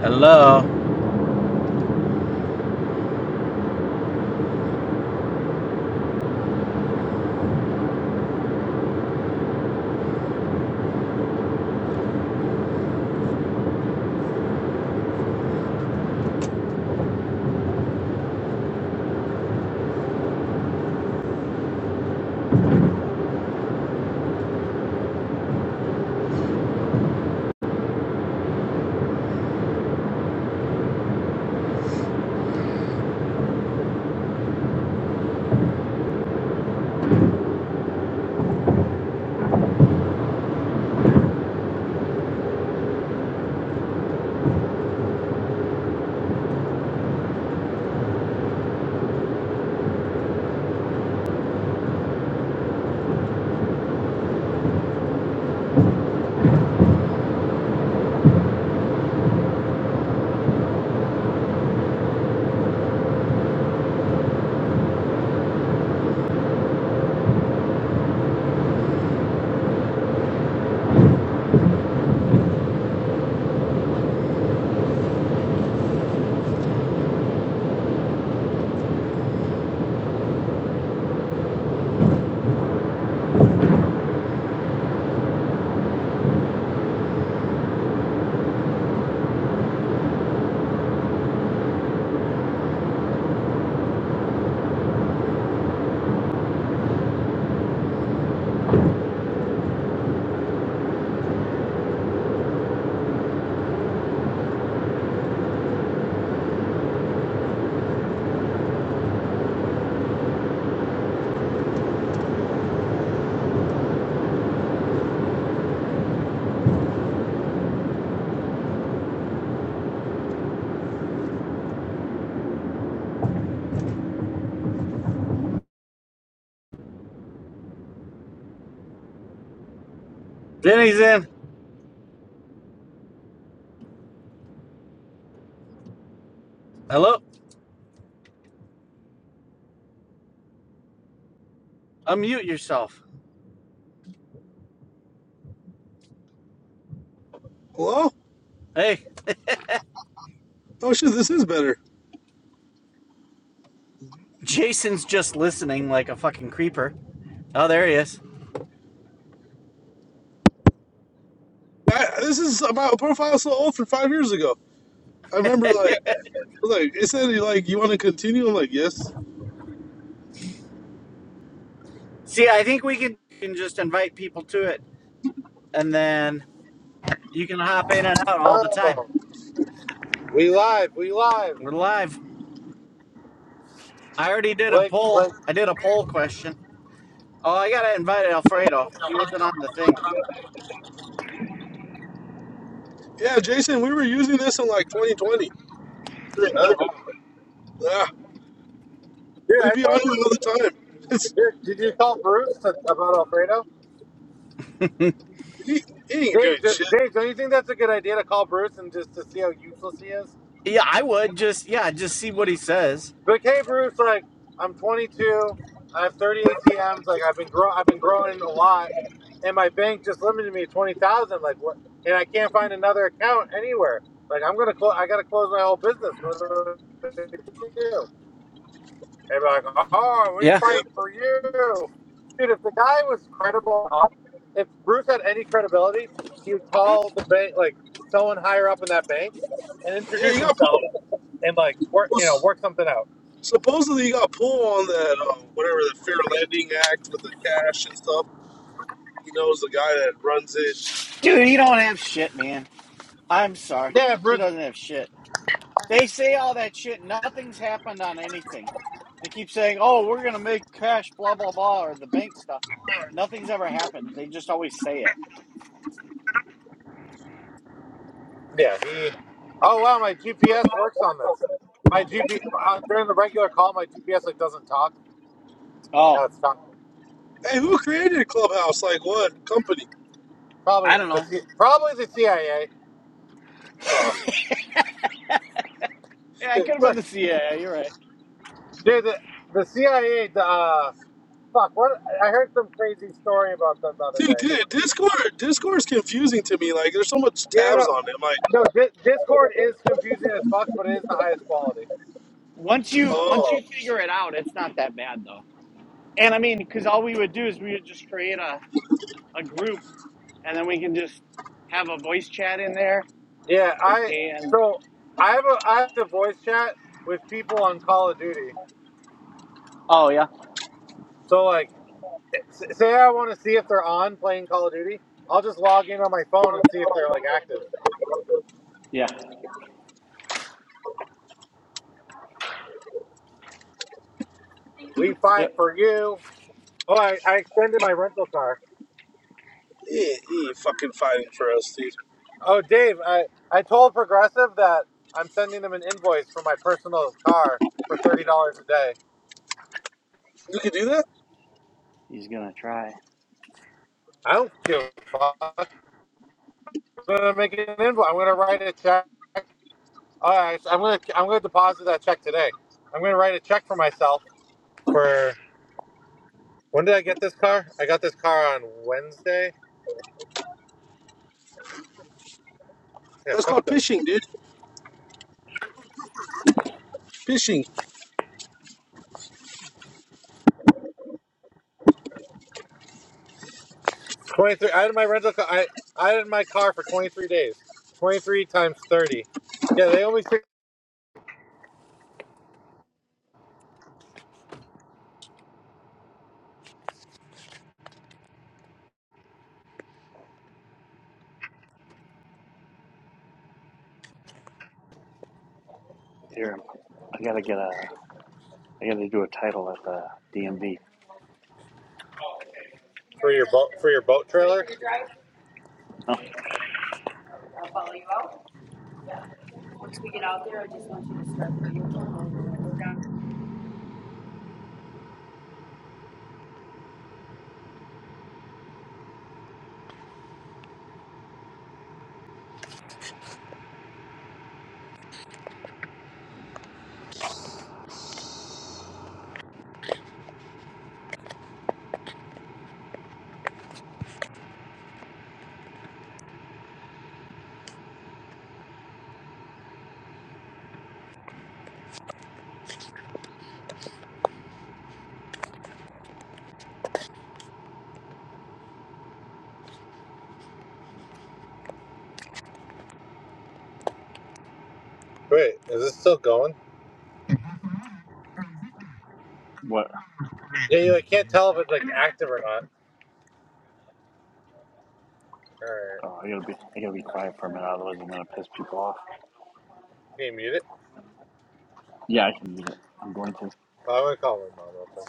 Hello. Jenny's in. Hello. Unmute yourself. Well, Hey. oh shit, this is better. Jason's just listening like a fucking creeper. Oh, there he is. I, this is about a profile so old for five years ago. I remember like like it said like you want to continue. I'm like yes. See, I think we can, can just invite people to it and then you can hop in and out all the time. Oh, we live, we live. We're live. I already did a Blake, Blake. poll. I did a poll question. Oh, I got to invite Alfredo. He wasn't on the thing. Yeah, Jason, we were using this in like 2020 during Oh, wow. COVID. Yeah, Dude, we'd I told be on it thought, all the time. It's, dude, did you call Bruce to, about Alfredo? he, he ain't Dave, doing do, shit. Dave, don't you think that's a good idea to call Bruce and just to see how useless he is? Yeah, I would just, yeah, just see what he says. Be Like, hey, Bruce, like, I'm 22, I have 30 ATMs, like, I've been grow, I've been growing a lot, and my bank just limited me to 20,000, like, what? And I can't find another account anywhere. Like, I'm gonna close, I gotta close my whole business. What do I do? They'd be like, "Oh, we Yeah. Yeah, fight for you, dude." If the guy was credible, if Bruce had any credibility, he would call the bank, like someone higher up in that bank, and yeah, introduce you got himself pulled. and like work, Well, you know, s- work something out. supposedly you got pulled on that uh, whatever the Fair Lending Act with the cash and stuff. He knows the guy that runs it. Dude, he don't have shit, man. I'm sorry. Yeah, He Bruce. doesn't have shit. They say all that shit. Nothing's happened on anything. They keep saying, "Oh, we're gonna make cash," blah blah blah, or the bank stuff. Nothing's ever happened. They just always say it. Yeah, he. Oh wow, my GPS works on this. My GPS uh, during the regular call, my GPS like doesn't talk. Oh, Now it's talking. Hey, who created Clubhouse? Like what company? I Probably don't the know. C- probably the CIA. Uh, Yeah, it could have been Look, the CIA. You're right. dude, the, the CIA. Uh, Fuck! What I heard some crazy story about them the other Dude, day. dude, Discord, Discord is confusing to me. Like, there's so much Yeah, tabs no, on it. I'm like, no. Di- Discord is confusing as fuck, but it is the highest quality. Once you once oh, you figure it out, it's not that bad though. And I mean, because all we would do is we would just create a, a group, and then we can just have a voice chat in there. Yeah, I And so I have a I have to voice chat with people on Call of Duty. oh yeah, So like, s- say I want to see if they're on playing Call of Duty, I'll just log in on my phone and see if they're like active. yeah, We fight yep. for you. Oh, I, I extended my rental car. he ain't, he ain't fucking fighting for us, dude. Oh, Dave, I I told Progressive that I'm sending them an invoice for my personal car for thirty dollars a day. You could do that? He's gonna try. I don't give a fuck. I'm gonna make an invoice. I'm gonna write a check. All right, so I'm gonna I'm gonna deposit that check today. I'm gonna write a check for myself for when did I get this car? I got this car on Wednesday. Yeah, That's fuck called them. phishing, dude. Phishing. Twenty three. I had my rental car. I I had my car for twenty three days. Twenty three times thirty. Yeah, they only take Here, I gotta get a. I gotta do a title at the DMV. for your boat for your boat trailer. Oh. Wait, is this still going? What? Yeah, you like, can't tell if it's like active or not. All right, Hold I gotta be. I gotta be quiet for a minute, otherwise I'm gonna piss people off. can you mute it? Yeah, I can use it. I'm going to. Well, I'm gonna call my mom real quick.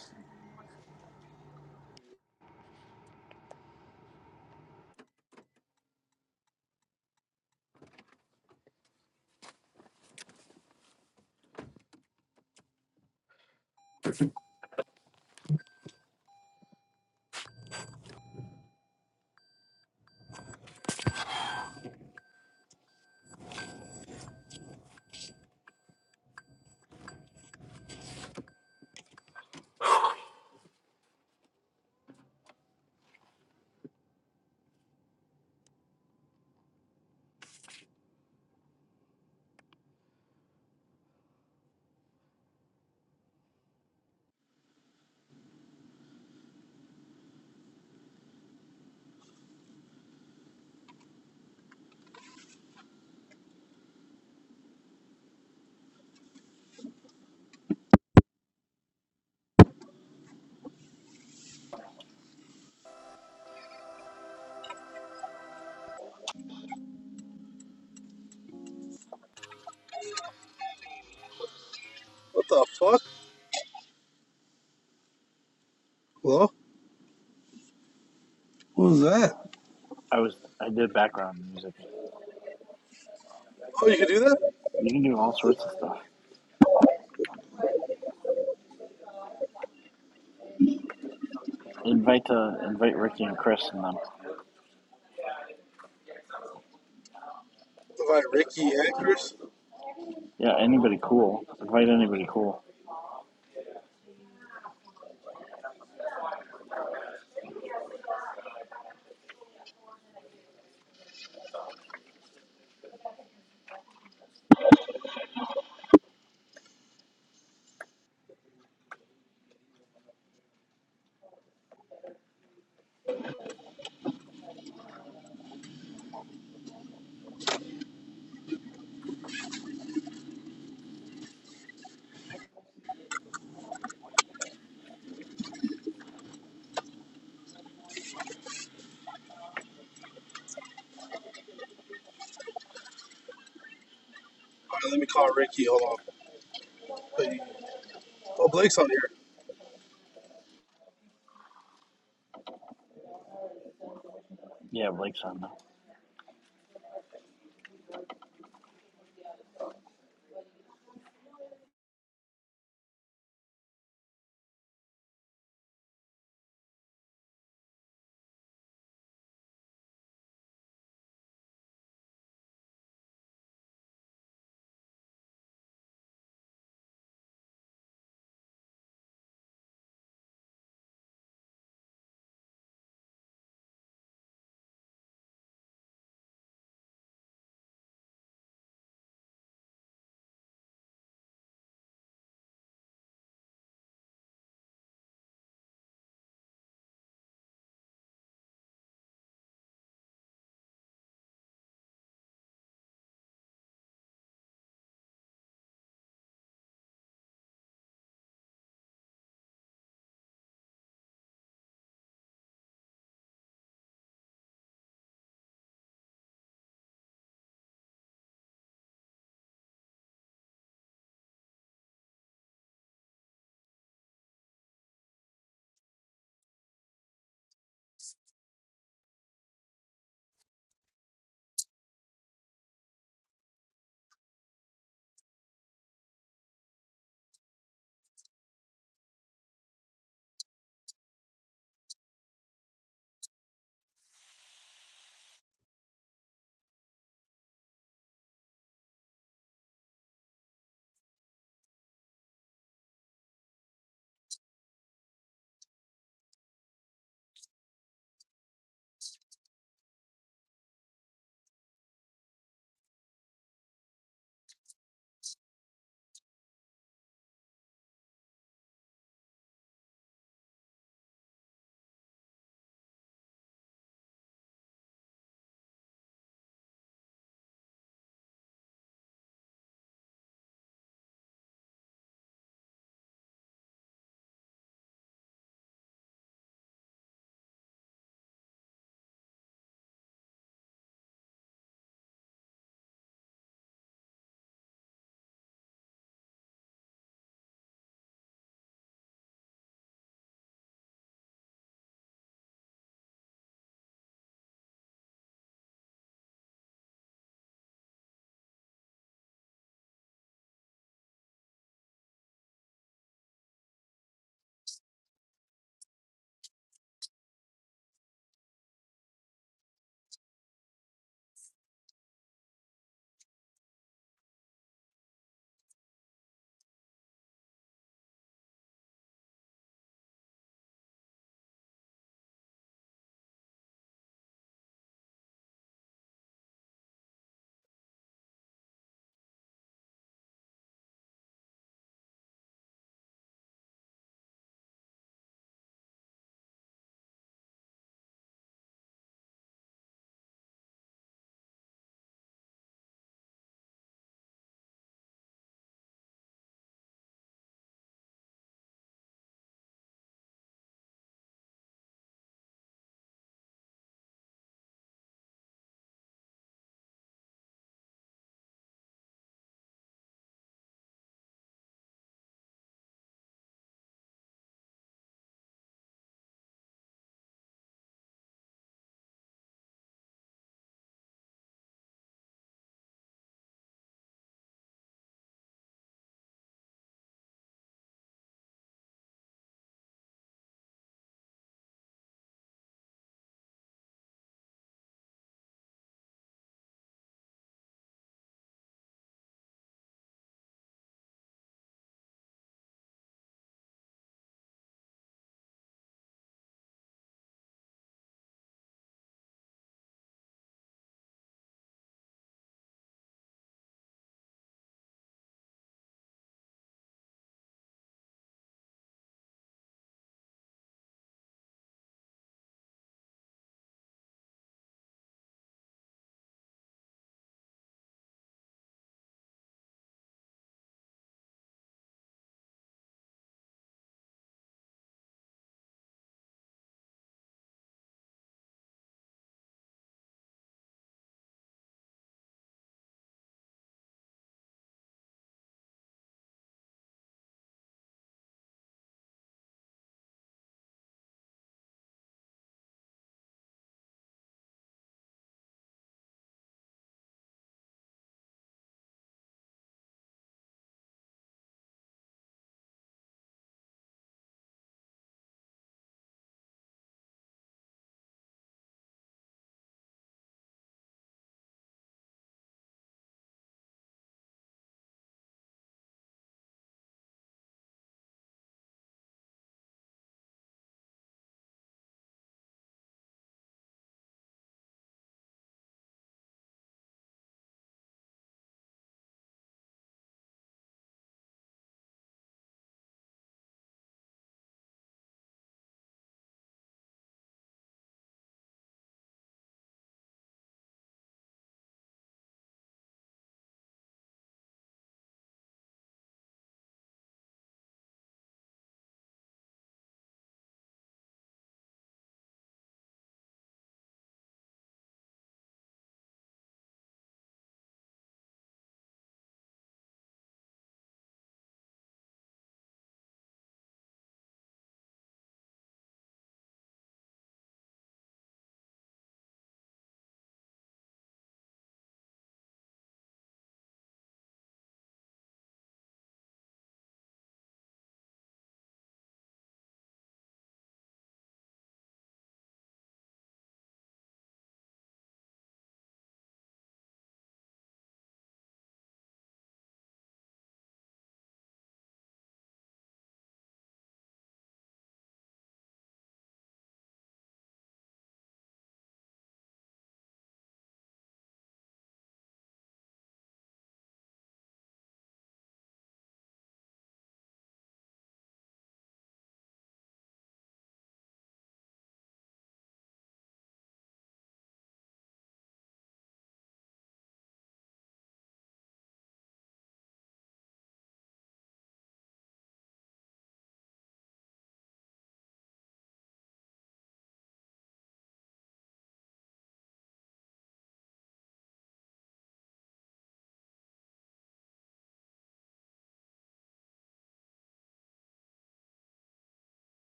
What the fuck? Hello? Who's that? I was. I did background music. Oh, you can do that? You can do all sorts of stuff. Invite uh, invite Ricky and Chris and them. Like Ricky Anchors? Yeah, anybody cool. Invite anybody cool. All right, let me call Ricky. Hold on. But Oh, Blake's on here. Yeah, Blake's on now.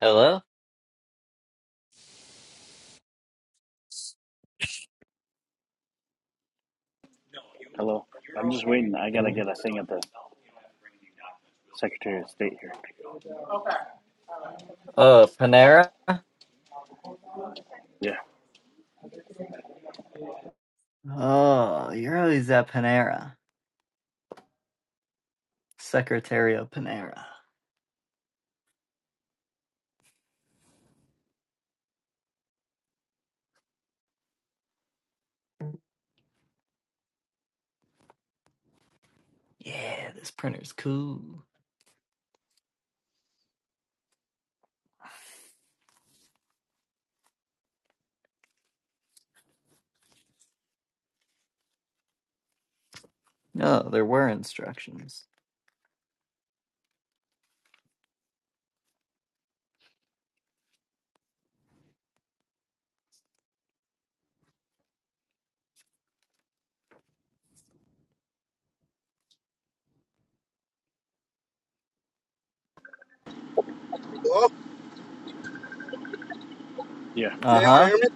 Hello? Hello. I'm just waiting. I gotta get a thing at the Secretary of State here. Oh, Panera? Yeah. Oh, you're always at Panera. Secretary of Panera. Yeah, this printer's cool. No, there were instructions. Hello? Yeah. Can Uh anyone huh. hear me?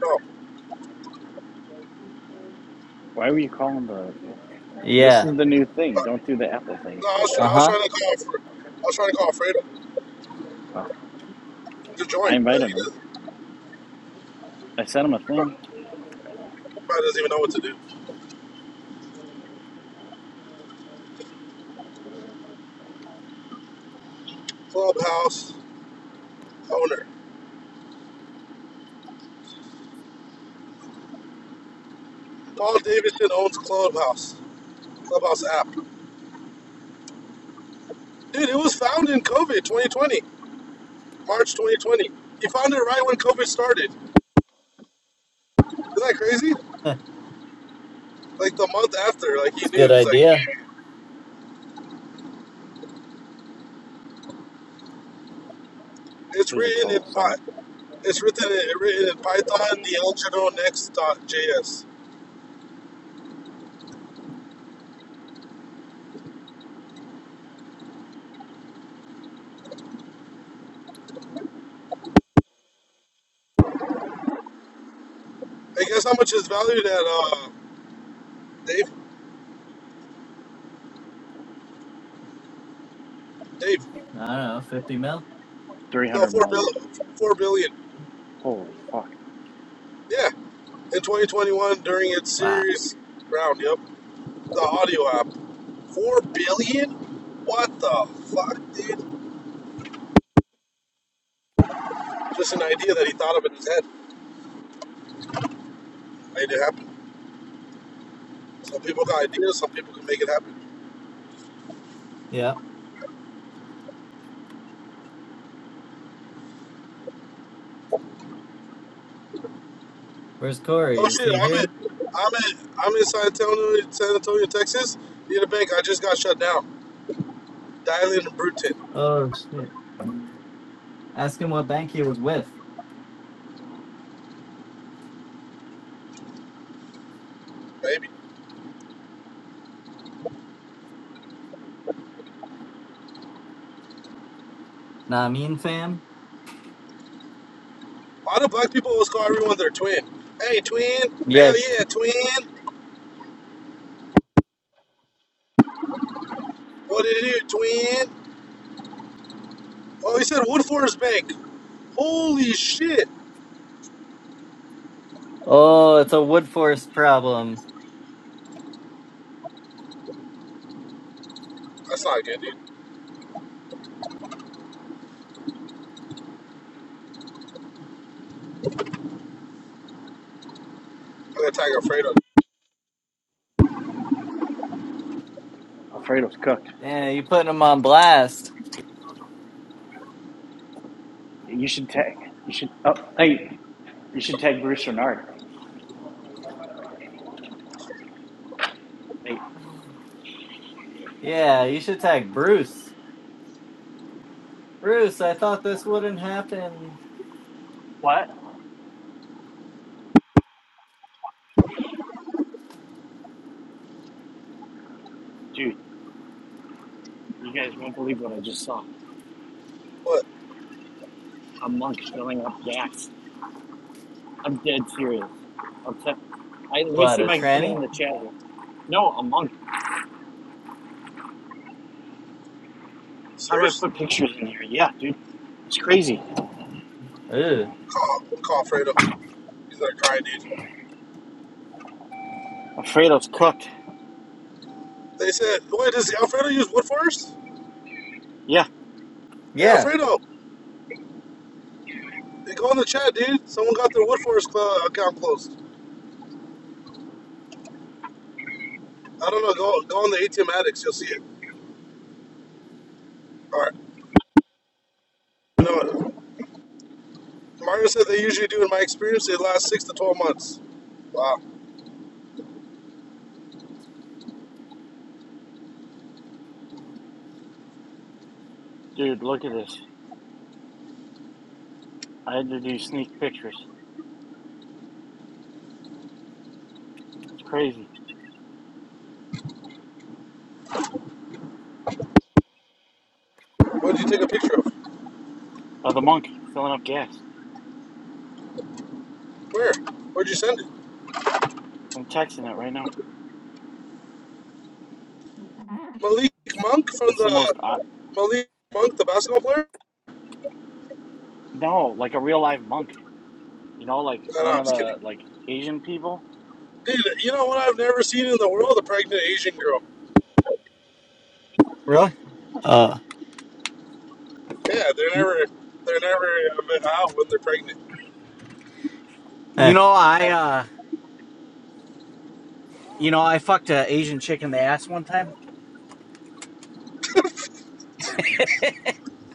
No. Why were you calling the? This Yeah. is the new thing. Don't do the Apple thing. No, I was, Uh I was huh. trying to call for, I was trying to call Fredo Oh, to join, I but invited he him. doesn't, I sent him a thing. probably doesn't even know what to do. Clubhouse owner. Paul Davidson owns Clubhouse, Clubhouse app. Dude, it was founded in COVID 2020, March 2020. He founded it right when COVID started. Isn't that crazy? Huh, Like the month after, like he It's a knew. good He's like, idea. It it's was a written in total setup. Py- it's written in, written in Python, the JS. I guess how much is valued at uh, Dave? Dave? I don't know, 50 mil? Three No, hundred four million. billion. Four billion. Holy fuck. Yeah, in 2021 during its Wow. series round. Yep. The audio app. Four billion? What the fuck, dude? Just an idea that he thought of in his head. Made it happen. Some people got ideas, some people can make it happen. Yeah. Where's Corey? Oh Is shit, he I'm here? in I'm in I'm in San Antonio San Antonio, Texas. Need a bank, I just got shut down. Dialing and Bruton, Oh, shit. Ask him what bank he was with. baby. Nah, I mean fam? Why do black people always call everyone their twin? Hey twin, Yeah. hell yeah, twin. What did you do, twin? Oh he said Woodforest Bank. Holy shit. Oh, it's a Woodforce problem. That's not good, dude. I'm gonna tag Alfredo. Alfredo's cooked. Damn, you putting him on blast. You should tag. You should. Oh, hey. You should tag Bruce Renard. Hey. Yeah, you should tag Bruce. Bruce, I thought this wouldn't happen. What? What? A monk? I'm upset. What, a tranny? Highlighter. No, a monk. How do I Serious? put pictures in here? Yeah, dude. It's crazy. Ew. Call, call Alfredo. He's not crying, dude. Alfredo's cooked. They said, wait, does Alfredo use Wood Forest? Yeah, Hey, Yeah. Alfredo, hey, go in the chat, dude. Someone got their Wood Forest cl- account closed. I don't know. Go go on the ATM Addicts. You'll see it. All right. You know what? Mario said they usually do, in my experience, they last six to 12 months. Wow. dude, look at this. I had to do sneak pictures. Easy. What did you take a picture of? Oh, the monk filling up gas. Where? Where'd you send it? I'm texting it right now. Malik Monk from It's the most odd. the Malik Monk, the basketball player? No, like a real live monk. You know, like No, no, one I'm of just the kidding. like Asian people. Dude, you know what I've never seen in the world? A pregnant Asian girl. Really? Uh, Yeah, they're You, never they're never uh, out when they're pregnant. you eh, know, I Yeah. You know, I fucked an Asian chick in the ass one time.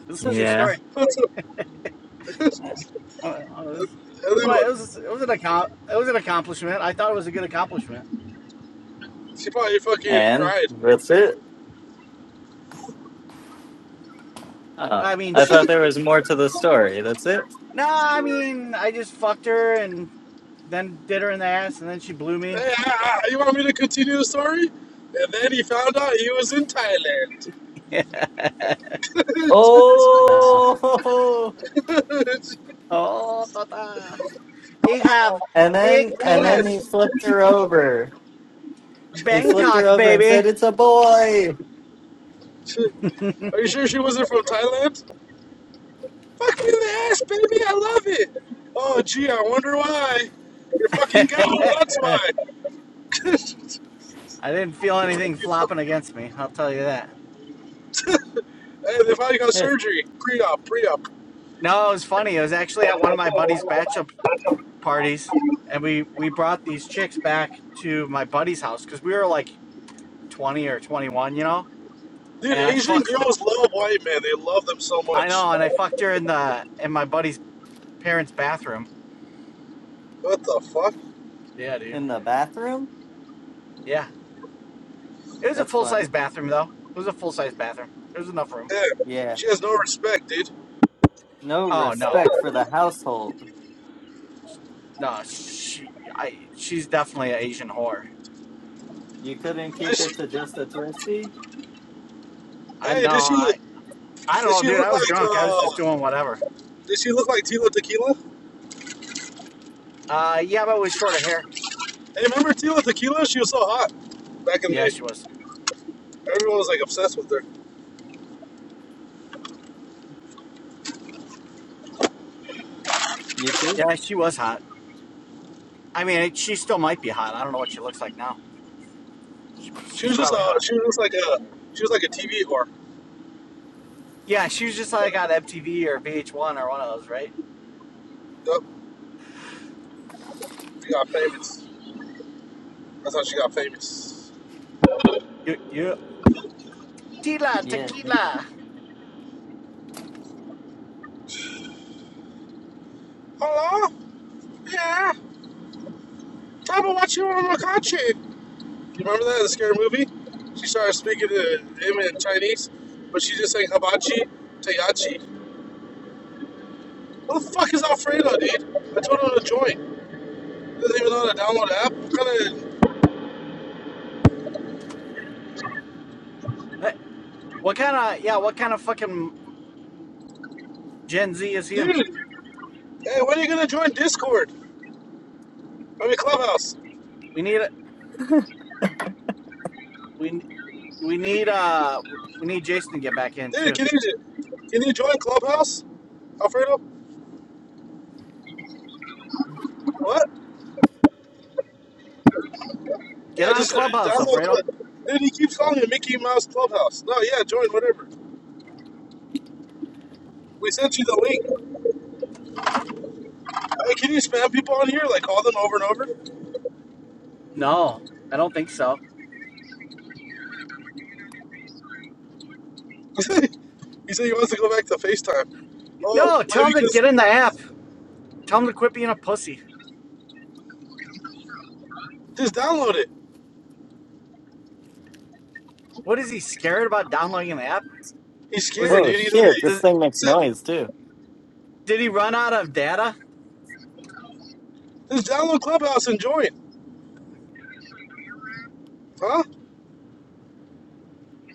This is a true yeah. story. That's a, Uh, uh, It was, it and was, then it look, was, it was an account. It was an accomplishment. I thought it was a good accomplishment. she probably fucking And cried. that's it. Uh, I mean, I she. thought there was more to the story. That's it. Nah, I mean, I just fucked her and then did her in the ass, and then she blew me. Hey, I, I, you want me to continue the story? And then he found out he was in Thailand. Thailand. nah. Oh! Oh, tata. I have And big then, and then penis. he flipped her over. He flipped her Bangkok, over and baby. said, "It's a boy." Are you sure she wasn't from Thailand? Fuck me in the ass, baby. I love it. Oh, gee, I wonder why. You're fucking gone. That's Eh, why. I didn't feel anything You fu- flopping against me. I'll tell you that. Hey, they probably got eh. surgery. Pre-op, pre-op. No, it was funny. It was actually at one of my buddy's bachelor parties and we we brought these chicks back to my buddy's house because we were like 20 or 21 you know Dude, and i Asian fucked girls love white men. They love them so i much. know and i fucked her in the in my buddy's parents bathroom What the fuck? yeah dude In the bathroom. yeah it was a That's fun. full-size bathroom though it was a full-size bathroom there was enough room Yeah, Yeah. she has no respect, dude. No oh no respect for the household. no she i she's definitely an asian whore You couldn't Does keep it she, to just a twisty. i hey, know does she look? i i don't Does know she dude look i was like? drunk i was just uh doing whatever Does she look like Tila Tequila? uh yeah but with shorter hair Hey, remember Tila Tequila? She was so hot back in the yeah day. she was Everyone was like obsessed with her. You too? yeah she was hot i mean she still might be hot i don't know what she looks like now She, She she's was just probably uh, hot. she was just like a, she was like a TV whore. Yeah, she was just like on MTV or VH1 or one of those, right? Yup, she got famous. That's how she got famous. Yeah. yeah. Tila, Yeah. nigga. tequila. Hello? Yeah. Tell me what you want in my country. You remember that the scary movie? She started speaking to him in Chinese, but she just saying hibachi, tayachi. What the fuck is Alfredo, dude? I told him to join. He doesn't even know how to download an app. What kind Hey, What, kind of yeah? What kind of fucking Gen Z is of him? dude? Hey, when are you gonna join Discord? I mean Clubhouse. We need a- we we need uh we need Jason to get back in Dude, too. can you can you join Clubhouse, Alfredo? What? Yeah, Get on just uh, Clubhouse, download. Alfredo. Club. Dude, he keeps calling it Mickey Mouse Clubhouse. No, yeah, join whatever. We sent you the link. Hey, can you spam people on here? Like call them over and over? No, I don't think so. he said he wants to go back to FaceTime. Oh, No, tell maybe him to just get in the app. Tell him to quit being a pussy. just download it. What is he scared about downloading the app? He's Was scared, he Oh dude. He's like, shit, this does, thing he makes said, noise too. did he run out of data? just download Clubhouse and join. Huh?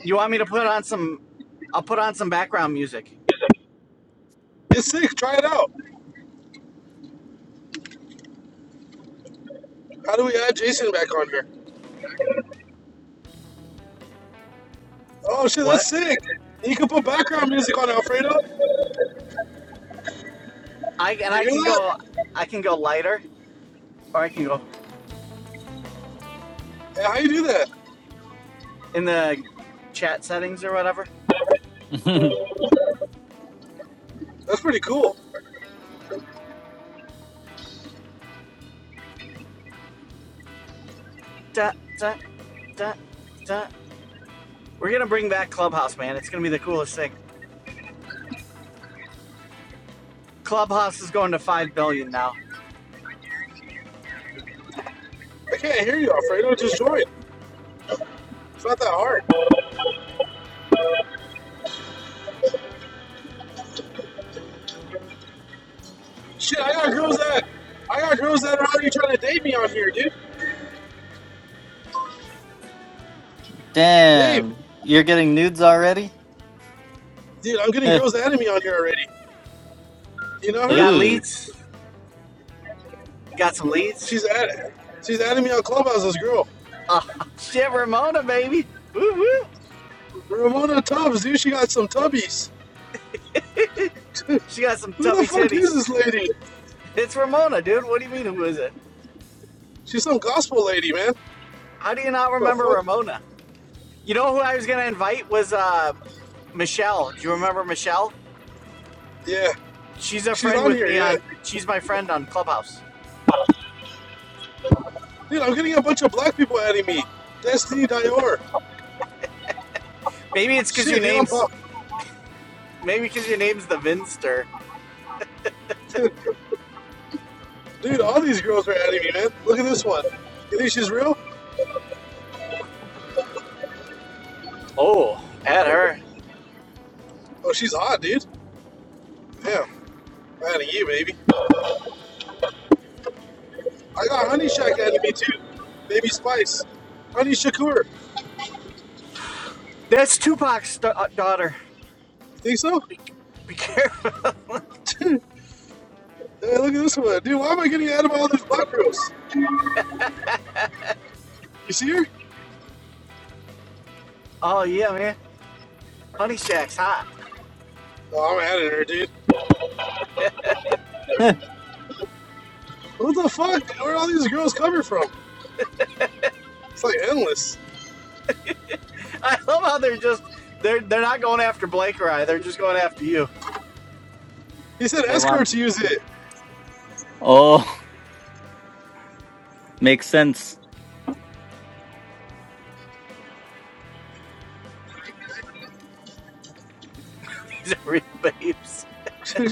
You want me to put on some? I'll put on some background music. It's sick. Try it out. How do we add Jason back on here? Oh shit, that's What? sick. You can put background music on Alfredo. I and You hear I can that? go I can go lighter or I can go Yeah, how you do that? in the chat settings or whatever. That's pretty cool. Da, da, da, da. We're gonna bring back Clubhouse, man. It's gonna be the coolest thing. Clubhouse is going to five billion now. I can't hear you, Alfredo. Just join. It's not that hard. Shit, I got girls that I got girls that are already trying to date me on here, dude. Dave, Damn. You're getting nudes already? dude, I'm getting girls adding me on here already. You know You her? got Ooh. leads? You got some leads? She's at she's adding me on Clubhouse. This girl, Oh shit, Ramona, baby. Woo woo. Ramona Tubbs, dude. She got some tubbies. She got some Who the tubby fuck is titties. this lady? It's Ramona, dude. What do you mean who is it? She's some gospel lady, man. How do you not What The remember fuck? Ramona? You know who I was gonna invite was uh Michelle. Do you remember Michelle? Yeah, She's a she's friend on with here. me Yeah, on. She's my friend on Clubhouse. dude. I'm getting a bunch of black people adding me. Destiny Dior. Maybe it's because your Shit, dude. I'm name's. pop. Maybe because your name's the Vinster. Dude, all these girls are adding me, man. Look at this one. You think she's real? Oh, at her. Oh, she's hot, dude. Damn, adding you, baby. I got Honey Shack adding me too. Baby Spice. Honey Shakur. That's Tupac's da- uh, daughter. You think so? Be, be careful. Hey, look at this one. Dude, why am I getting added by all these black girls? You see her? Oh yeah, man. Honey Shack's hot. Oh, I'm adding her, dude. What the fuck? Where are all these girls coming from? It's like endless. I love how they're just. They're they're not going after Blake or I. They're just going after you. He said They escorts want use it. oh, makes sense. These are real babes.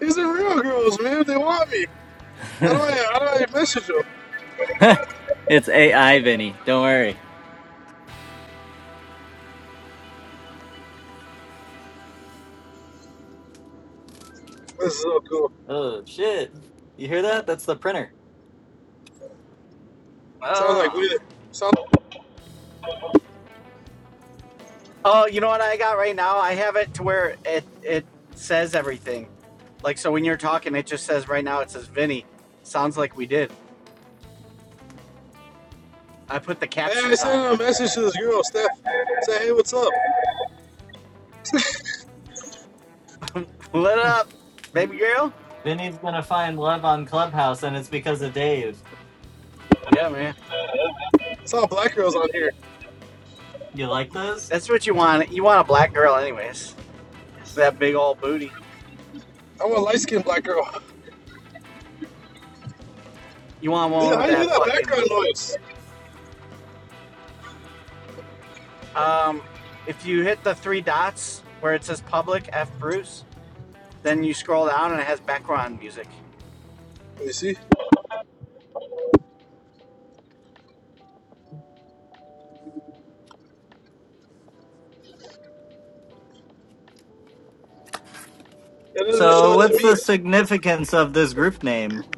these are real girls, man. They want me. How do I how do I message them? it's AI, Vinny. Don't worry. This is so cool. Oh shit. You hear that? That's the printer. Sounds like Oh. we sound Oh, you know what I got right now? I have it to where it it says everything. Like so, when you're talking, it just says right now. It says Vinny. Sounds like we did. I put the Hey, I captions on. sent a message to this girl, Steph. Say, hey, what's up? Lit up, baby girl. Vinny's gonna find love on Clubhouse and it's because of Dave. Yeah, man. It's all black girls on here. You like those? That's what you want. You want a black girl, anyways. That big old booty. I want light skinned black girl. You want Dude, one how with do you do that that fucking. background noise? Um, if you hit the three dots where it says public F Bruce, then you scroll down and it has background music. Let me see. That doesn't show So it to what's me. the significance of this group name?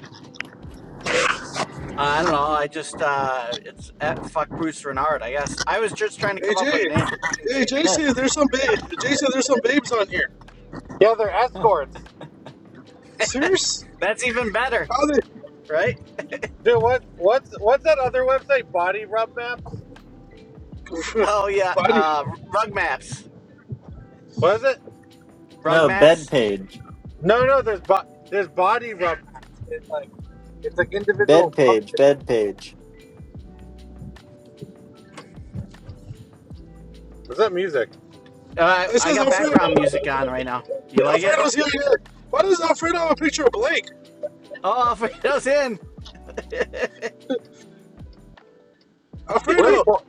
Uh, I don't know. I just uh, it's at fuck Bruce Renard. I guess I was just trying to Hey come up with Jay, a name. We can hey change it. Huh. JC, there's some ba- JC, there's some babes on here. Yeah, they're escorts. Serious? That's even better, How they? right? Dude, what what's what's that other website? Body Rub Maps? Oh yeah. Body. Uh, rug maps. was it? Rug no, maps. bed page. No, no, there's bo- there's Body Rub Maps. It's like it's like Bed individual post page, page. bed page. What's that music? Uh, It I says got Alfredo. background music on right now. Do you like it? Alfredo's here. yeah. Why does Alfredo have a picture of Blake? Oh, Fredo's in. Where's Alfredo, Bo-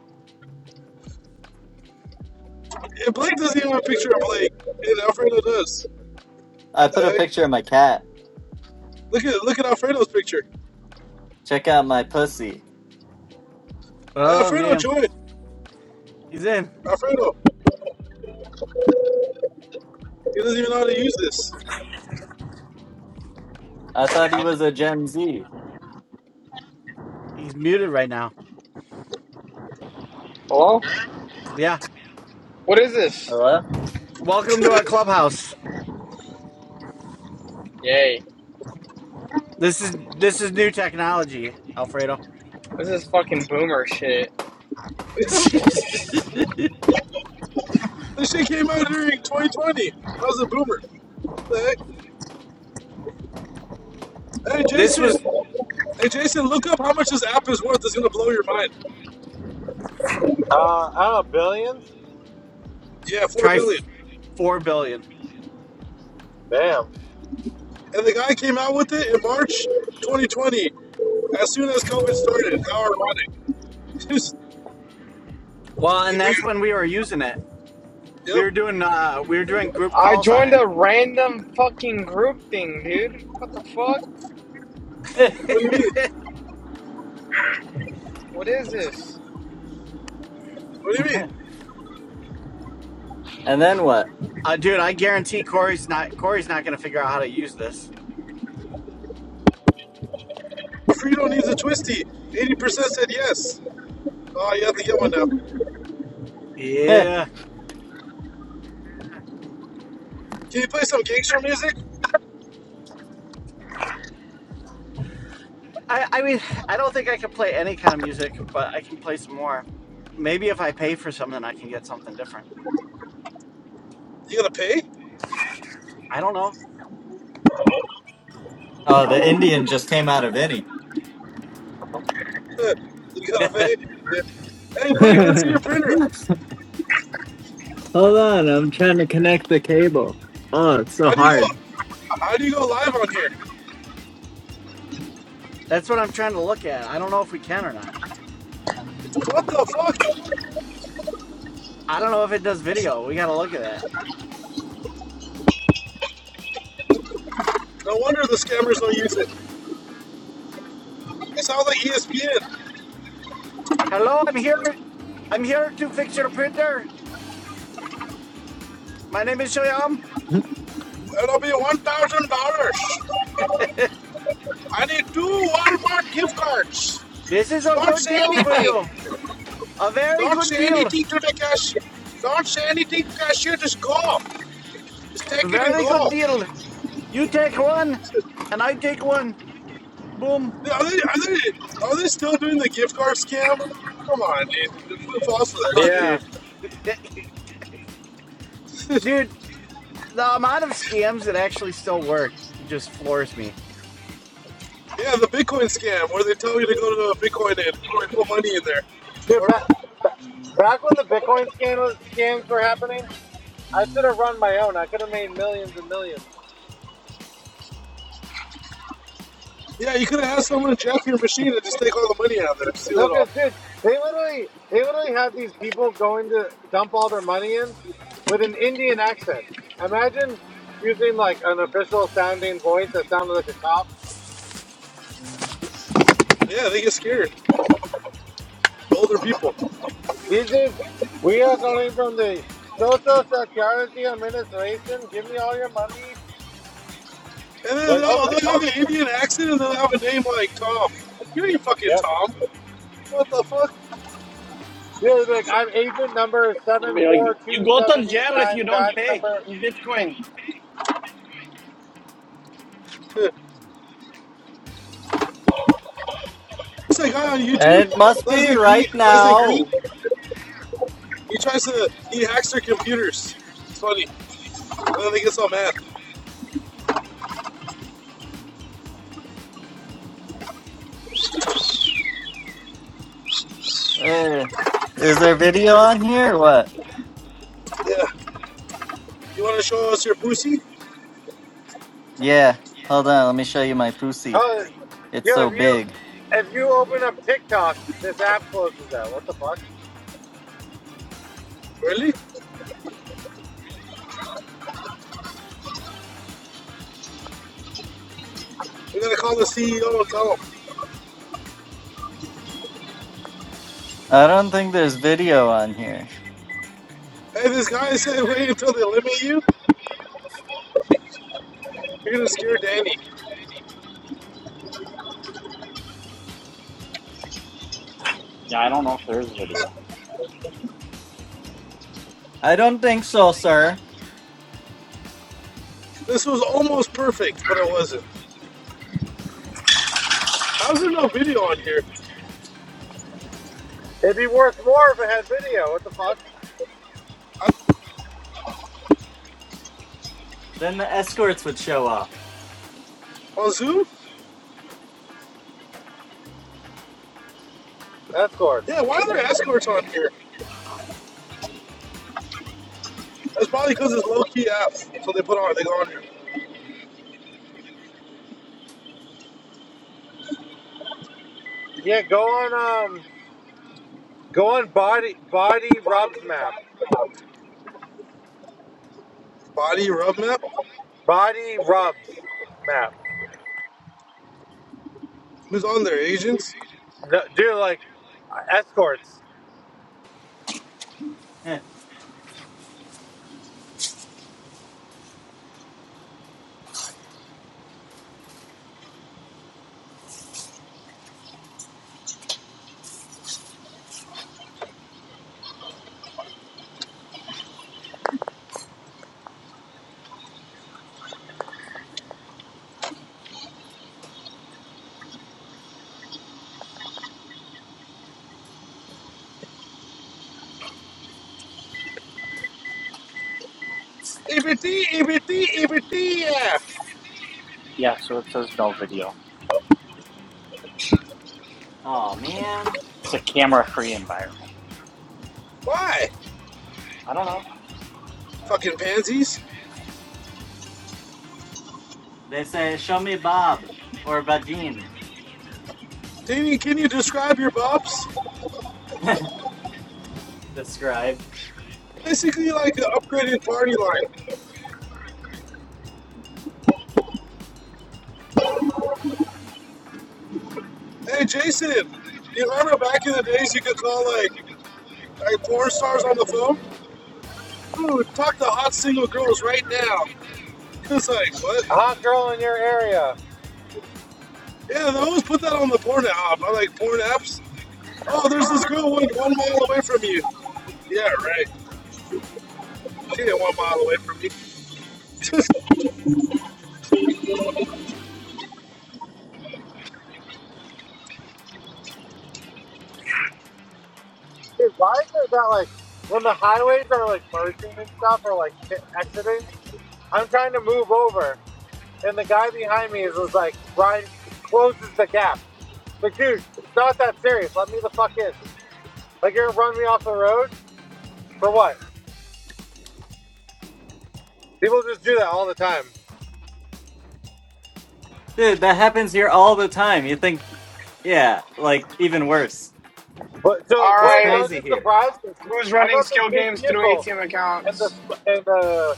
eh, Blake doesn't even have a picture of Blake, and Alfredo does. I The put a heck? picture of my cat. Look at look at Alfredo's picture. Check out my pussy. Hey, Oh Alfredo man, joined. he's in. Alfredo, he doesn't even know how to use this. I thought he was a Gen Z. He's muted right now. Hello? Yeah. What is this? Hello? Welcome to our clubhouse. Yay. This is this is new technology, Alfredo. This is fucking boomer shit. this shit came out during 2020. I was a boomer. The heck? Hey this was Jason. Hey Jason, look up how much this app is worth. It's gonna blow your mind. uh I don't know billions? Yeah, four try billion. dollars. four billion. Damn. And the guy came out with it in March 2020, as soon as COVID started. How ironic! Just Well, he and that's knew. when we were using it. We were Yep. doing uh, we were doing group I calls on joined it. a random fucking group thing, dude. What the fuck? What do you mean? What is this? What do you and mean? then what? Uh, dude, I guarantee Corey's not Corey's not gonna figure out how to use this. Frito needs a twisty. 80% said yes. Oh, you have to get one now. Yeah. Can you play some gangster music? I, I mean, I don't think I can play any kind of music, but I can play some more. Maybe if I pay for something, I can get something different. You gotta pay. I don't know. oh, the Indian just came out of any. you gotta pay. Yeah. Hey, Blake, let's see your Hold printer. on, I'm trying to connect the cable. Oh, it's so How do you go? hard. How do you go live on here? That's what I'm trying to look at. I don't know if we can or not. What the fuck? I don't know if it does video. We gotta look at that. No wonder the scammers don't use it. I saw the ESPN. Hello, I'm here. I'm here to fix your printer. My name is Shyam. It'll be one thousand dollars. I need two Walmart gift cards. This is a Don't good say deal for anything. you. A very Don't good say deal. anything to the cashier. Don't say anything to the cashier. Just go. Just take it and Very good go. deal. You take one, and I take one. Boom. Are they, are they, are they still doing the gift card scam? Come on, dude. Who falls for that Oh, shit? Yeah, dude. dude, The amount of scams that actually still work just floors me. Yeah, the Bitcoin scam where they tell you to go to Bitcoin and put money in there. dude. Or Back back when the Bitcoin scan was, scams were happening, I should have run my own. I could have made millions and millions. yeah, you could have had someone jack your machine and just take all the money out of there, steal No, it all. because dude, they literally they literally have these people going to dump all their money in with an Indian accent. Imagine using like an official sounding voice that sounded like a cop. Yeah, they get scared. Older people. This is we are calling from the Social Security Administration. Give me all your money. And then Like they'll, okay, they'll have an Indian accent and they'll have a name like Tom. You ain't fucking yep. Tom. What the fuck? Yeah, like I'm agent number They'll seven be like, four you two go to seven eight jail if nine you don't batch pay number. in Bitcoin. It's that guy on YouTube, It must be Pleasant Green. right Pleasant now. Green. He tries to, he hacks their computers. It's funny. And then they get so mad. Eh. is there video on here or what? Yeah. You want to show us your pussy? Yeah. Hold on, let me show you my pussy. Oh, It's yeah. so If you big. if you open up TikTok, this app closes out. What the fuck? Really? We're going to call the CEO and tell him. I don't think there's video on here. Hey, this guy said wait until they limit you. You're going to scare Danny. Yeah, I don't know if there is a video. I don't think so, sir. This was almost perfect, but it wasn't. How's there no video on here? It'd be worth more if it had video. What the fuck? Then the escorts would show up. On Zoom? Escorts. Yeah, why are there escorts on here? That's probably because it's low key apps, So they put on, they go on here. Yeah, go on um go on body body rubs map. Body rub map? Body rubs map. Who's on their agents? No, do like uh, escorts. EBT, EBT, EBT, yeah. Yeah, so it says no video. oh man. It's a camera-free environment. Why? I don't know. Fucking pansies. They say, Show me Bob or Vagine, Danny, can you describe your bops? the scribe. Basically like an upgraded party line. Hey, Jason, you remember back in the days you could call like, like porn stars on the phone? Ooh, talk to hot single girls right now. It's like, what? Hot girl in your area. Yeah, they always put that on the porn app. I like porn apps. Oh, there's this girl one, one mile away from you. Yeah, right. She ain't one mile away from me. Dude, why is it that like when the highways are like merging and stuff or like exiting, I'm trying to move over and the guy behind me is just like right closes the gap. Like, dude, it's not that serious. Let me the fuck in. Like you're gonna run me off the road? For what? People just do that all the time. Dude, that happens here all the time. You think yeah, like even worse. But so It's Blake, Alright, I was crazy just here. surprised because who's I running got this skill big games through vehicle ATM and the accounts? and uh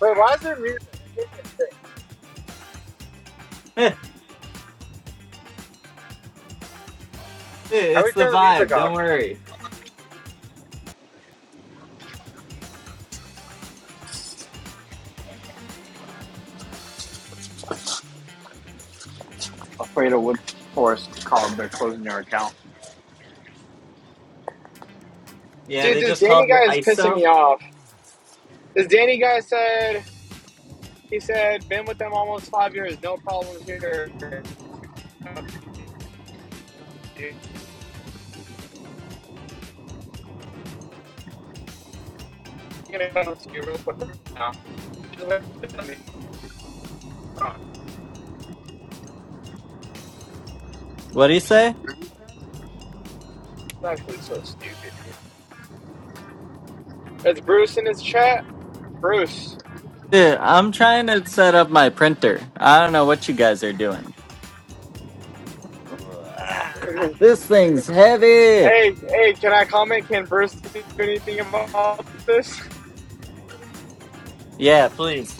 wait, why is there music? I can't hear shit. Dude, How do we it's the turn the music vibe, off? don't worry. Yeah, Dude, they this just Danny called your guy is pissing ISO. me off. This Danny guy said, he said, been with them almost five years, no problems here. Dude, I'm gonna go to you real quick now. Just wait for me. It's What do you say? actually so stupid, dude. It's Bruce in his chat. Bruce. Dude, I'm trying to set up my printer. I don't know what you guys are doing. This thing's heavy. Hey, hey, can I comment? Can Bruce do anything about this? Yeah, please.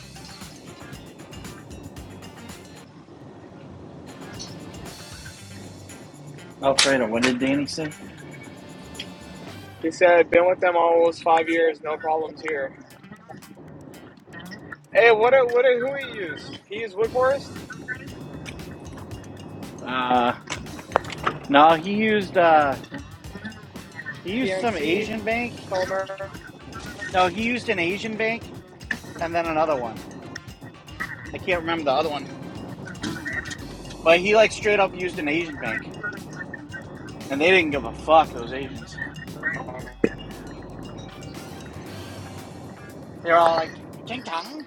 Alfredo, what did Danny say? He said, been with them almost five years, no problems here. Hey, what a, what a, who he used? He used Woodforest, Uh, no, he used uh, he used some PNC, Asian bank. Comer. No, he used an Asian bank and then another one. I can't remember the other one, but he like straight up used an Asian bank, and they didn't give a fuck. Those Asians, they were all like, "Ting tong."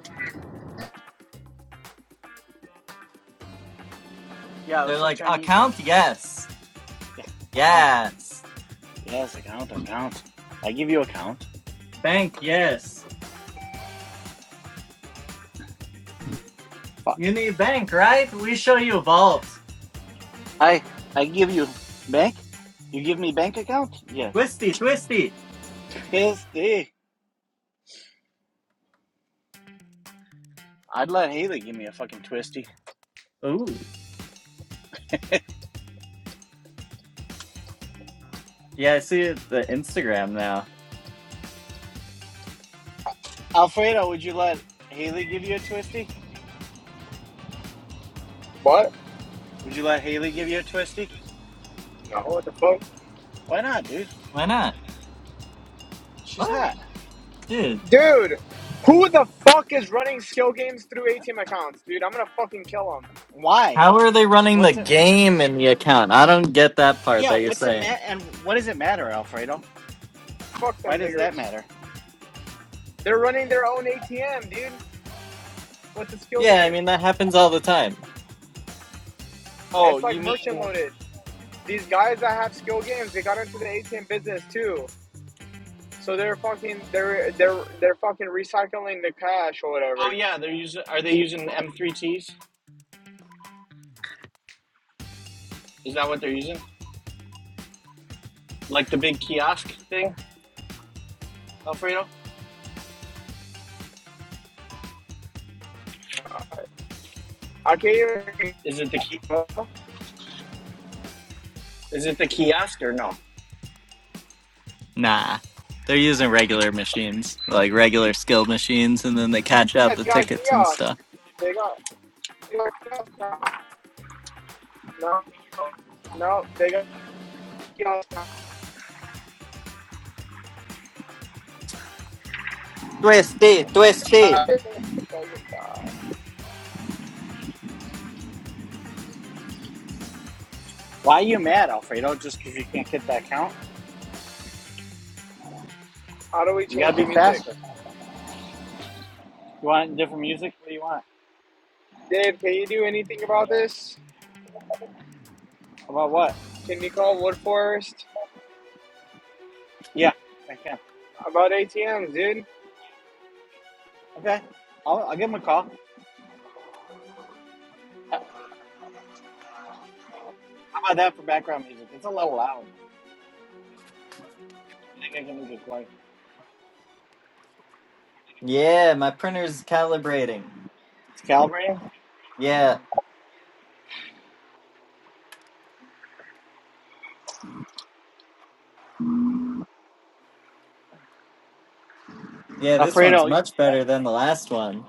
Yeah, it was They're some like, Chinese bank. account? Yes. Account. Yes. Yes, account, account. I give you account. Bank, yes. Fuck. You need bank, right? We show you vault. I I give you bank. You give me bank account? Yeah. Twisty, twisty. Yes. Twisty. I'd let Haley give me a fucking twisty. Ooh. Yeah, I see the Instagram now. Alfredo, would you let Haley give you a twisty? What? Would you let Haley give you a twisty? No, what the fuck? Why not, dude? Why not? She's What? hot. Dude, Dude, who the fuck is running skill games through ATM accounts, dude? I'm gonna fucking kill them. Why? how Fuck, are they running the What's it? game in the account? I don't get that part Yeah, that you're what's it saying. matter? And what does it matter, Alfredo? fuck Why them does that niggers. matter? They're running their own ATM, dude, with the skill Yeah, I mean, that games. happens all the time. Oh, It's you like mean? merchant Oh loaded. These guys that have skill games, they got into the ATM business too. So they're fucking they're they're they're fucking recycling the cash or whatever. yeah, they're using. Are they using M3Ts? Is that what they're using? Like the big kiosk thing, Alfredo? I can't even Is it the they is it the kiosk or no? Nah. They're using regular machines, like regular skilled machines, and then they catch out the got a tickets and kiosk. stuff. They got they got a kiosk now. No no they got a kiosk now. Twisty, Oh my twisty. god. I fucking die. Why are you mad, Alfredo? Just because you can't hit that count? How do we You change gotta the be music? faster. You want different music? What do you want? Dave, can you do anything about this? About what? Can you call Woodforest Yeah, I can. about ATMs, dude? Okay, I'll, I'll give him a call. How about that for background music? It's a little loud. I think I can make it quiet. Yeah, my printer's calibrating. It's calibrating. Yeah. Yeah, this one's Alfredo, much better than the last one.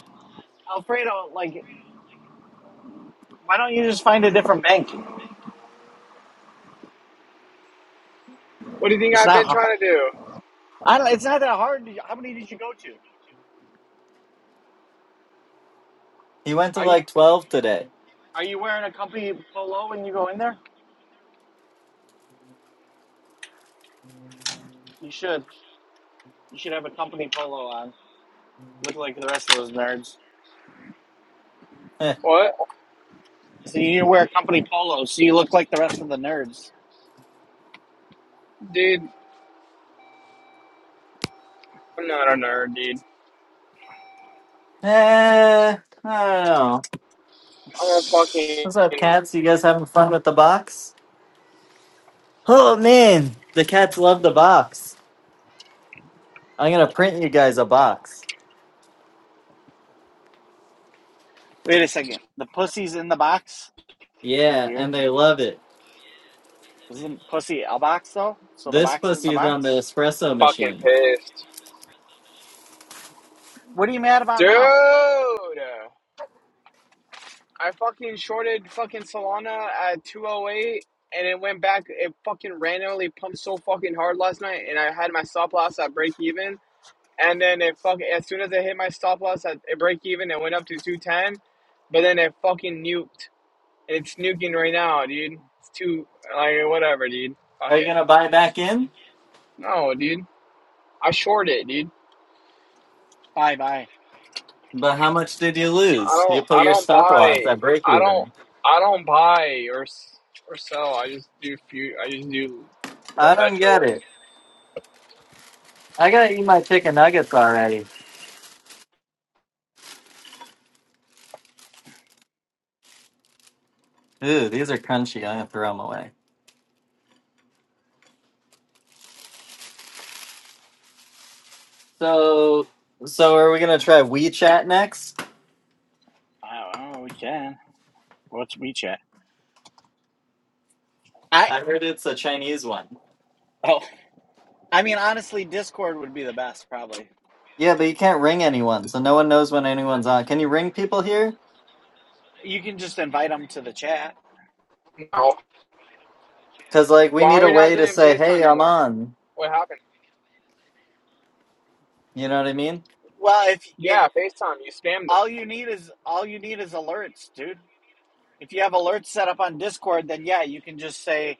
Alfredo, like, why don't you just find a different bank? What do you think It's I've not. been hard. trying to do? I don't. It's not that hard to go to. He went to Are you like 12 today. Are you wearing a company polo when you go in there? You should. You should have a company polo on. Look like the rest of those nerds. What? So you need to wear a company polo so you look like the rest of the nerds. Dude, I'm not a nerd, dude. Eh, eh, I don't know. I'm fucking What's up, cats? You guys having fun with the box? Oh, man. The cats love the box. I'm going to print you guys a box. Wait a second. The pussy's in the box? That's Yeah, weird. and they love it. Isn't pussy a box though? So the This box is in the pussy is on the box? espresso fucking machine. pissed. What are you mad about Dude, now? I fucking shorted fucking Solana at 208 and it went back. It fucking randomly pumped so fucking hard last night and I had my stop loss at break even. And then it fucking, as soon as I hit my stop loss at at break even, it went up to 210. But then it fucking nuked. And it's nuking right now, dude. It's too, like, whatever, dude. Are Fuck you it. going to buy back in? No, dude. I shorted, it, dude. Bye bye. But how much did you I lose? You don't put I your don't stop loss buy at break I don't even. I don't buy or s- or sell. I just do few I just do I don't get perpetuals. it. I got to eat my chicken nuggets already. Ooh, these are crunchy. I'm going to throw them away. So, so are we gonna try WeChat next? I don't know, we can. What's WeChat? I I heard it's a Chinese one. oh I mean honestly Discord would be the best probably. Yeah, but you can't ring anyone, so no one knows when anyone's on. Can you ring people here? You can just invite them to the chat. No. Cause like we Why need are a we not way to doing say, FaceTime "Hey, no I'm more? on." What happened? You know what I mean? Well if if Yeah, FaceTime, you spammed them. all you need is all you need is alerts, dude. If you have alerts set up on Discord, then yeah, you can just say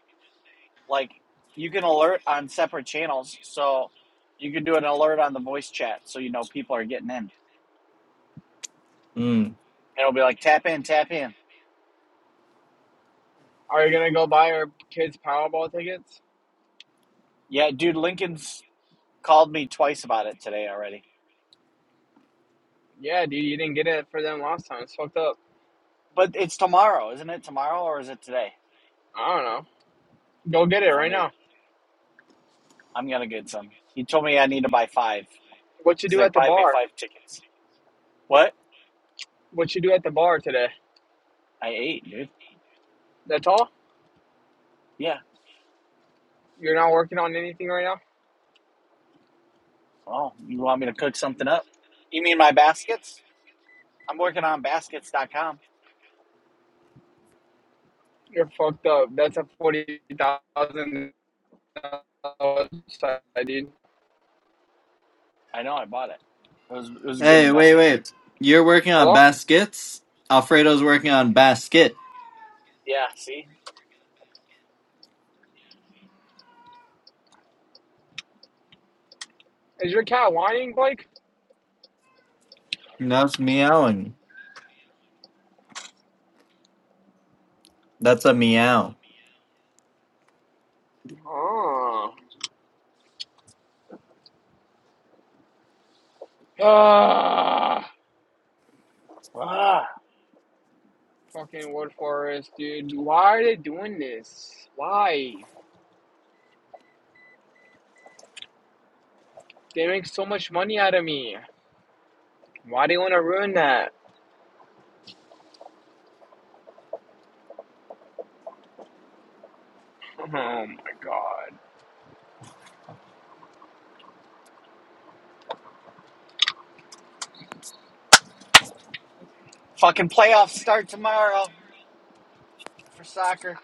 like you can alert on separate channels so you can do an alert on the voice chat so you know people are getting in Mm. it'll be like tap in tap in Are you gonna go buy our kids Powerball tickets? yeah dude lincoln's called me twice about it today already Yeah, dude, you didn't get it for them last time. It's fucked up. but it's tomorrow isn't it tomorrow or is it today I don't know. Go get it i don't right either now. i'm gonna get some he told me i need to buy five What you he's do like at the buy me bar? five tickets what What you do at the bar today? i ate dude That's all? yeah You're not working on anything right now? oh you want me to cook something up you mean my baskets i'm working on baskets.com You're fucked up. That's a forty thousand Oh, excited. i know i bought it it was, it was a good Hey, wait, investment wait. You're working on Hello? baskets. Alfredo's working on basket. Yeah, see? Is your cat whining, Blake? That's meowing. That's a meow. Oh. Ah. Ah, Fucking wood forest, dude. Why are they doing this? Why? They make so much money out of me. Why do you want to ruin that? Oh my god. fucking playoffs start tomorrow for soccer.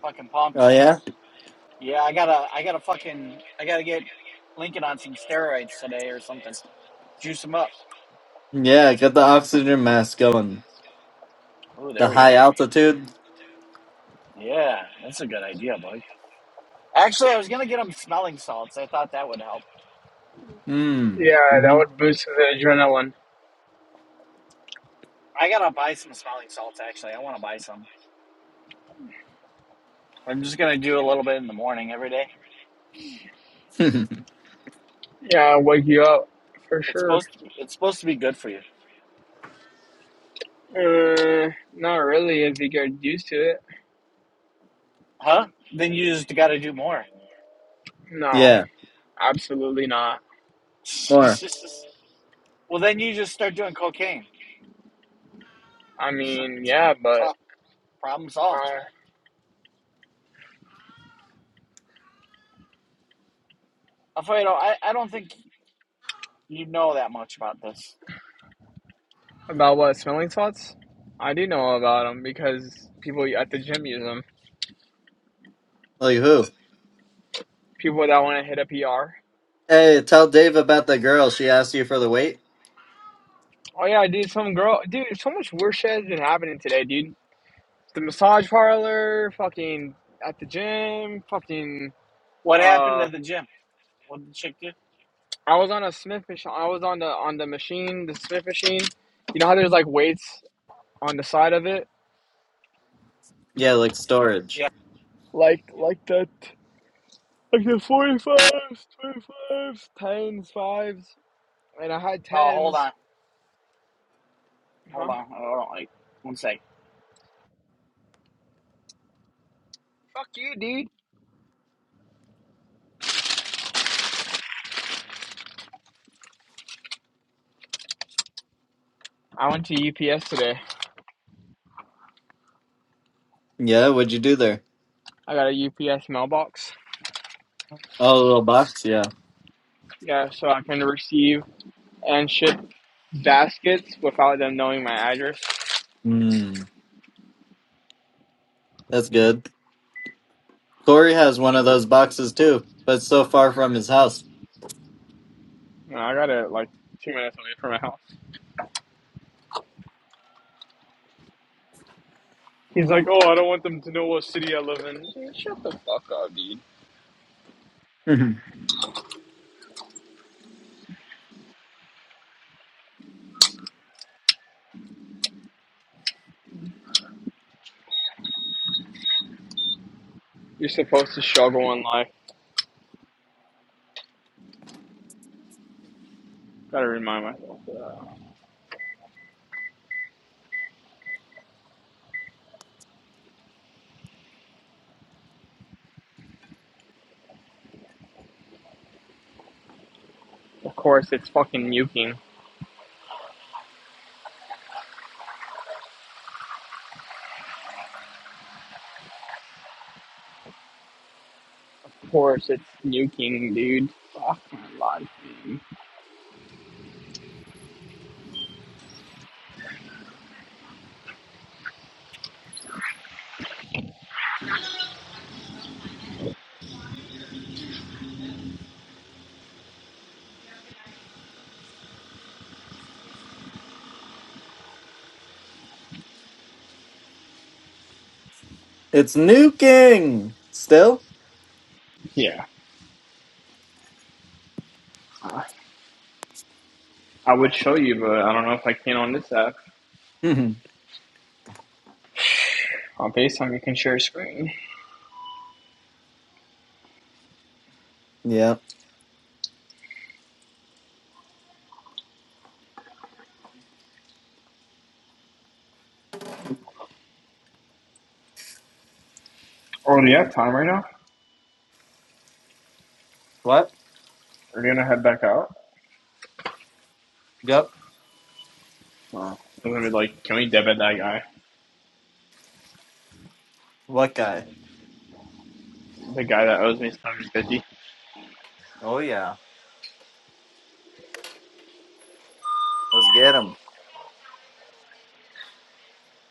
Fucking pumped. Oh yeah. Yeah, I gotta I gotta fucking I gotta get Lincoln on some steroids today or something. Juice him up. Yeah, get the oxygen mask going. Oh, there The we high go. altitude. Yeah, that's a good idea, Mike. Actually I was gonna get him smelling salts. I thought that would help. Hmm. Yeah, that would boost the adrenaline. I gotta buy some smelling salts actually. I wanna buy some. I'm just gonna do a little bit in the morning every day. Yeah, wake you up. For It's sure. supposed to it's supposed to be good for you. Uh, not really if you get used to it. Huh? Then you just gotta do more. No, yeah. absolutely not. More. well then you just start doing cocaine. I So, mean, yeah, pro- but. problem solved. Uh, Alfredo, I, I don't think you know that much about this. About what smelling salts? I do know about them because people at the gym use them. Like who? People that want to hit a PR. Hey, tell Dave about the girl. She asked you for the weight? Oh yeah, dude, some girl, dude, so much weird shit has been happening today, dude. The massage parlor, fucking at the gym, fucking. What happened Uh, at the gym? What did the chick do? I was on a Smith machine. I was on the on the machine, the Smith machine. You know how there's like weights on the side of it, Yeah, like storage. Yeah. like like that, like the forty fives, twenty fives, tens, fives, and I had Oh, hold tens. on. Huh? Hold on. Hold on. Like, one sec. Fuck you, dude. I went to UPS today. Yeah, what'd you do there? I got a UPS mailbox. Oh, a little box? Yeah. Yeah, so I can receive and ship baskets without them knowing my address. Hmm, that's good. Corey has one of those boxes too, but it's so far from his house. And I got it like two minutes away from my house. He's like, oh, I don't want them to know what city I live in. Dude, shut the fuck up, dude. Mhm. You're supposed to struggle in life. Gotta remind myself of that. Of course, it's fucking nuking. Of course, it's nuking, dude. Fuck my life, dude. it's nuking! Still? Yeah. I would show you, but I don't know if I can on this app. Mhm. On FaceTime, you can share a screen. yeah. Oh, do you have time right now? What? Are you gonna head back out? Yep. Oh. I'm gonna be like, can we debit that guy? What guy? The guy that owes me 750. Oh, yeah. Let's get him.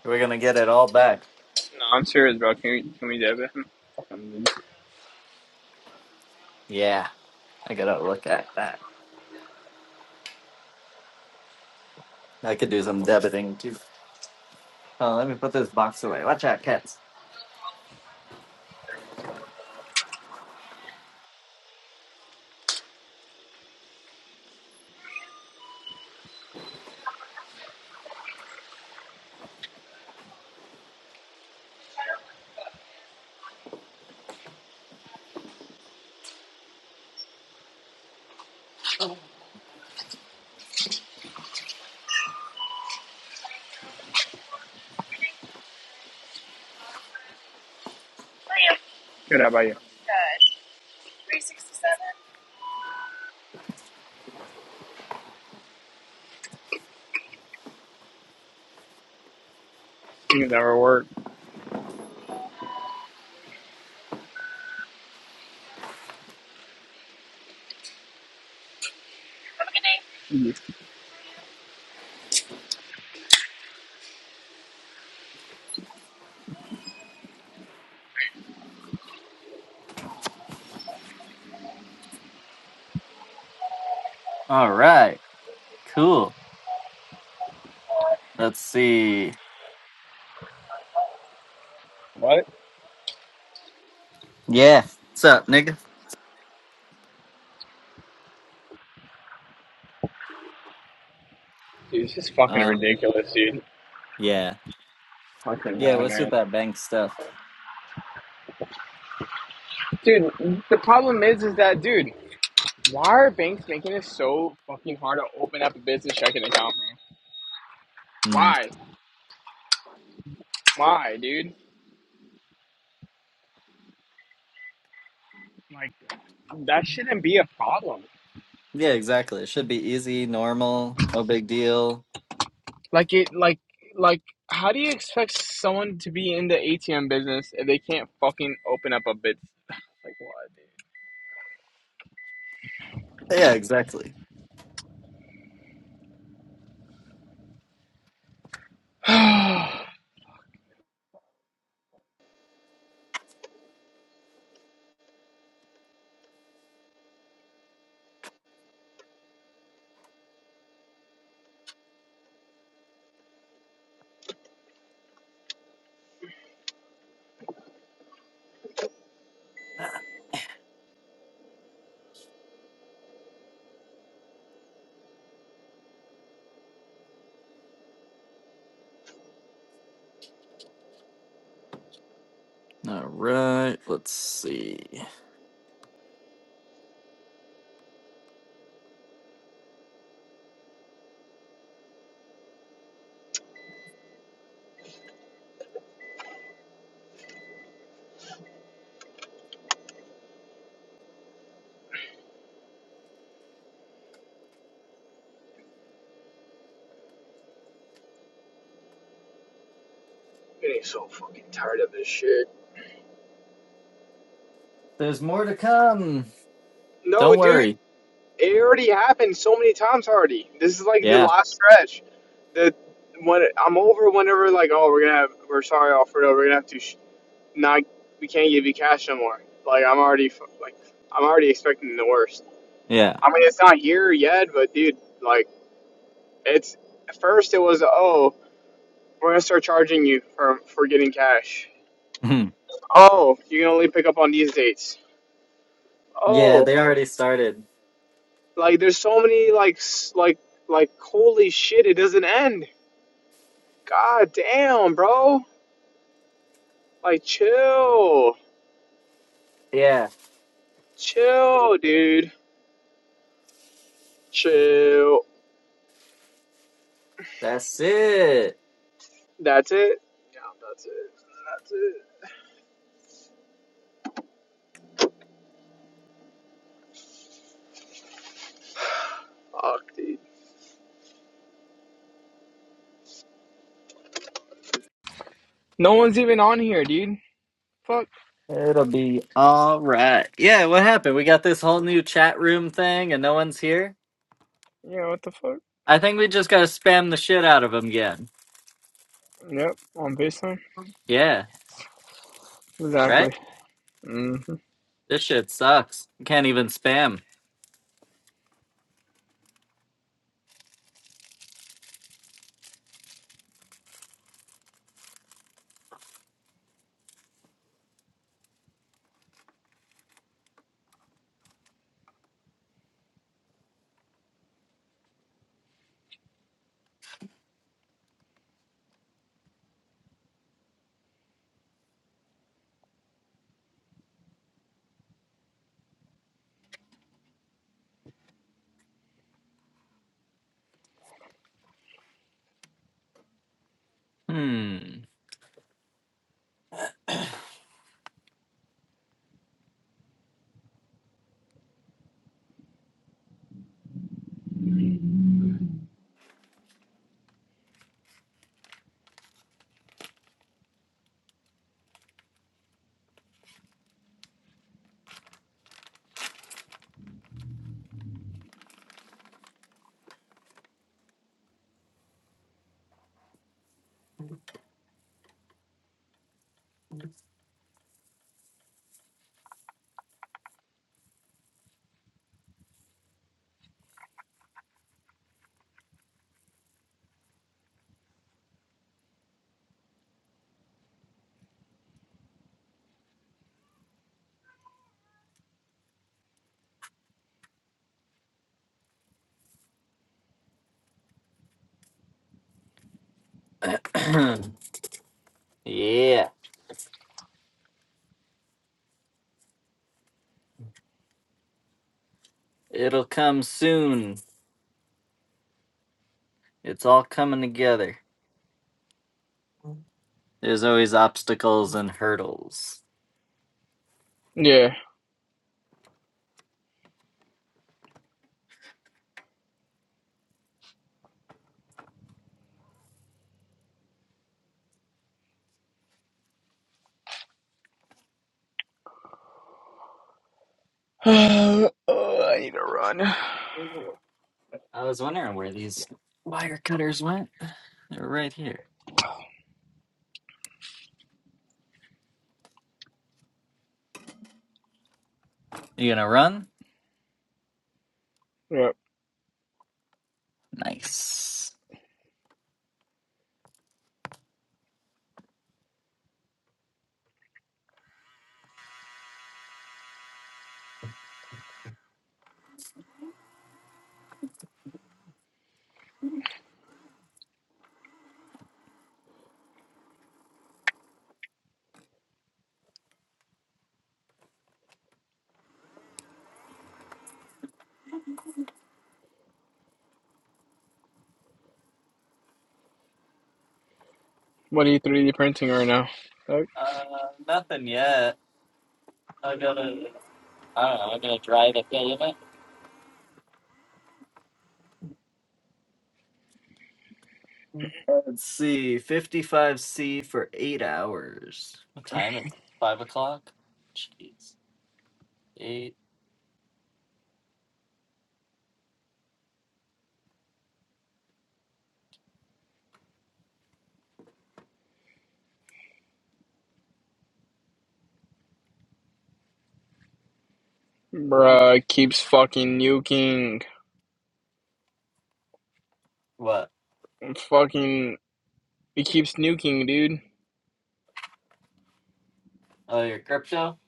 We're gonna get it all back. No, I'm serious, bro. Can we can we debit him? Fucking dude. Yeah, I gotta look at that. I could do some debiting too. Oh, let me put this box away. Watch out, cats. you? Good. How about you? Good. 367. You never work. Have a good day. All right, cool. Let's see. What? Yeah. What's up, nigga? Dude, it's just fucking Uh, ridiculous, dude. yeah. Fucking Yeah, god, what's with man. that bank stuff? Dude, the problem is, is that, dude, why are banks making it so fucking hard to open up a business checking account, man? Hmm. Why? Why, dude? Like, that shouldn't be a problem. Yeah, exactly. It should be easy, normal, no big deal. Like it, like, like, how do you expect someone to be in the ATM business if they can't fucking open up a bit? Like Yeah, exactly. what, dude? All right. Let's see. Shit. There's more to come. No, Don't dude, worry. it already happened so many times already. This is like the Yeah. last stretch. The when I'm over, whenever like, oh, we're gonna have, we're sorry, Alfredo, we're gonna have to sh- not, we can't give you cash no more. Like I'm already like, I'm already expecting the worst. Yeah. I mean, it's not here yet, but dude, like. It's first it was oh we're gonna start charging you for for getting cash. Hmm. Oh, you can only pick up on these dates. yeah, Oh, they already started. like there's so many like s- like like holy shit, it doesn't end. God damn, bro. Like chill, Yeah, chill, dude, chill. that's it. That's it. Yeah, that's it. That's it. Fuck, dude. No one's even on here, dude. Fuck. It'll be all right. Yeah, what happened? We got this whole new chat room thing and no one's here? Yeah, what the fuck? I think we just gotta spam the shit out of them again. Yep, on FaceTime. Yeah, right? Exactly. hmm This shit sucks. You can't even spam. Hmm. yeah, it'll come soon. It's all coming together. There's always obstacles and hurdles. Yeah. Uh, I need to run. I was wondering where these wire cutters went. They're right here. You gonna run? Yep. Nice. What are you 3D printing right now? Fuck. Uh, nothing yet. I gotta, I don't know, I gotta drive a bit. Let's see, 55C for eight hours. What time is it? Five o'clock? Jeez. Eight. Bruh, it keeps fucking nuking. What? I'm fucking. It keeps nuking, dude. Oh, your crypto?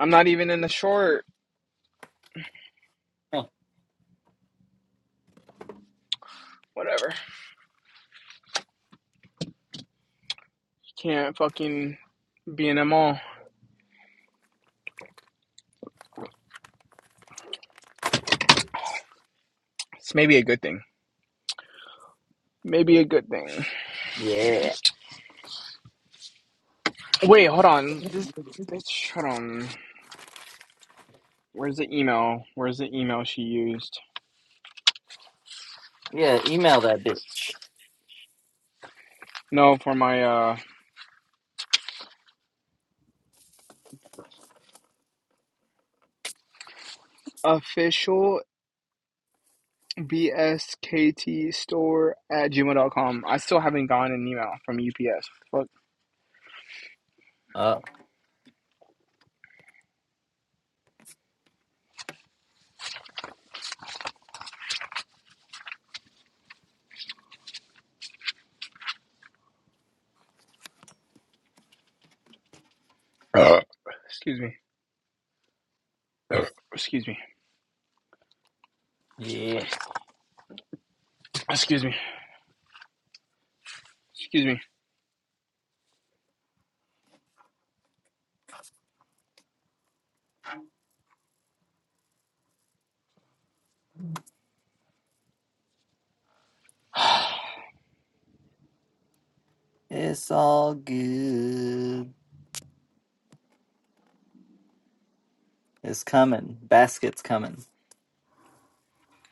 I'm not even in the short. Huh. Whatever. Can't fucking be in them all. It's maybe a good thing. Maybe a good thing. Yeah. Wait, hold on. This bitch, hold on. Where's the email? Where's the email she used? Yeah, email that dude. No, for my uh official bskt store at gmail.com. I still haven't gotten an email from UPS. Fuck. Oh, Excuse me. Excuse me. yeah. Excuse me. Excuse me. It's all good. It's coming. Basket's coming.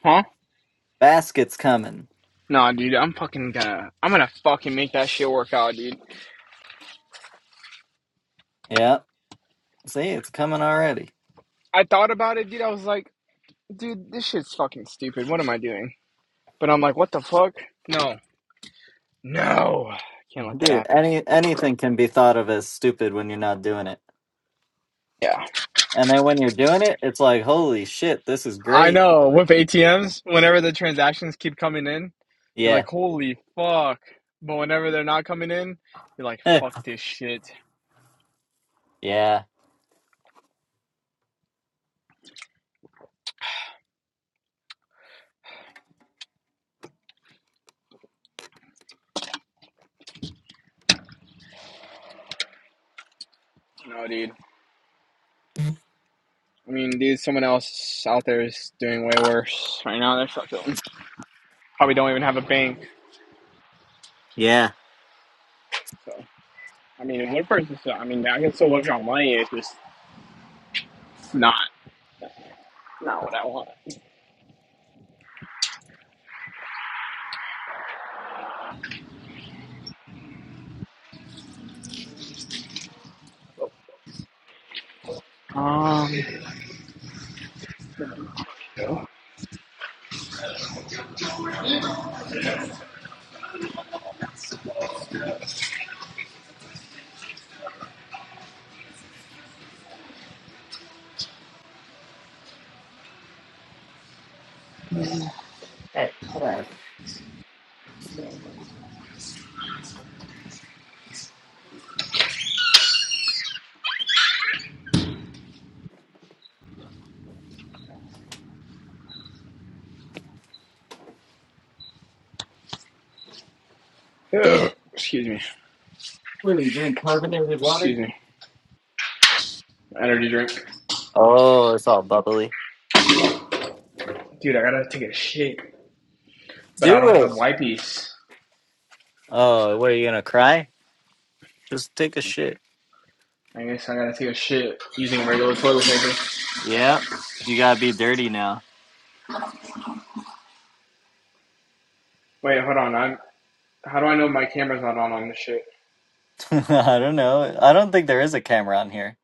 Huh? Basket's coming. Nah, dude. I'm fucking gonna. I'm gonna fucking make that shit work out, dude. Yeah. See, it's coming already. I thought about it, dude. I was like, dude, this shit's fucking stupid. What am I doing? But I'm like, what the fuck? No. No. Can't let that Dude, happen. any anything can be thought of as stupid when you're not doing it. Yeah. And then when you're doing it, it's like, holy shit, this is I great. know with ATMs, whenever the transactions keep coming in, you're Yeah. like, holy fuck. But whenever they're not coming in, you're like, Eh, fuck this shit. yeah. No, dude. I mean, dude, someone else out there is doing way worse right now. They're fucking probably don't even have a bank. Yeah. So, I mean, one person still, I mean, I can still withdraw money. It's just not, not what I want. Um, Hey, hold on. excuse me. We're gonna drink carbonated water. Excuse me. Energy drink. Oh, it's all bubbly. Dude, I gotta take a shit, but I Do don't it. have wipes. Oh, what are you gonna cry? Just take a shit. I guess I gotta take a shit using regular toilet paper. Yeah. You gotta be dirty now. Wait, hold on. I'm, how do I know my camera's not on on this shit? I don't know. I don't think there is a camera on here.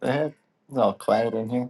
The heck? It's all quiet in here.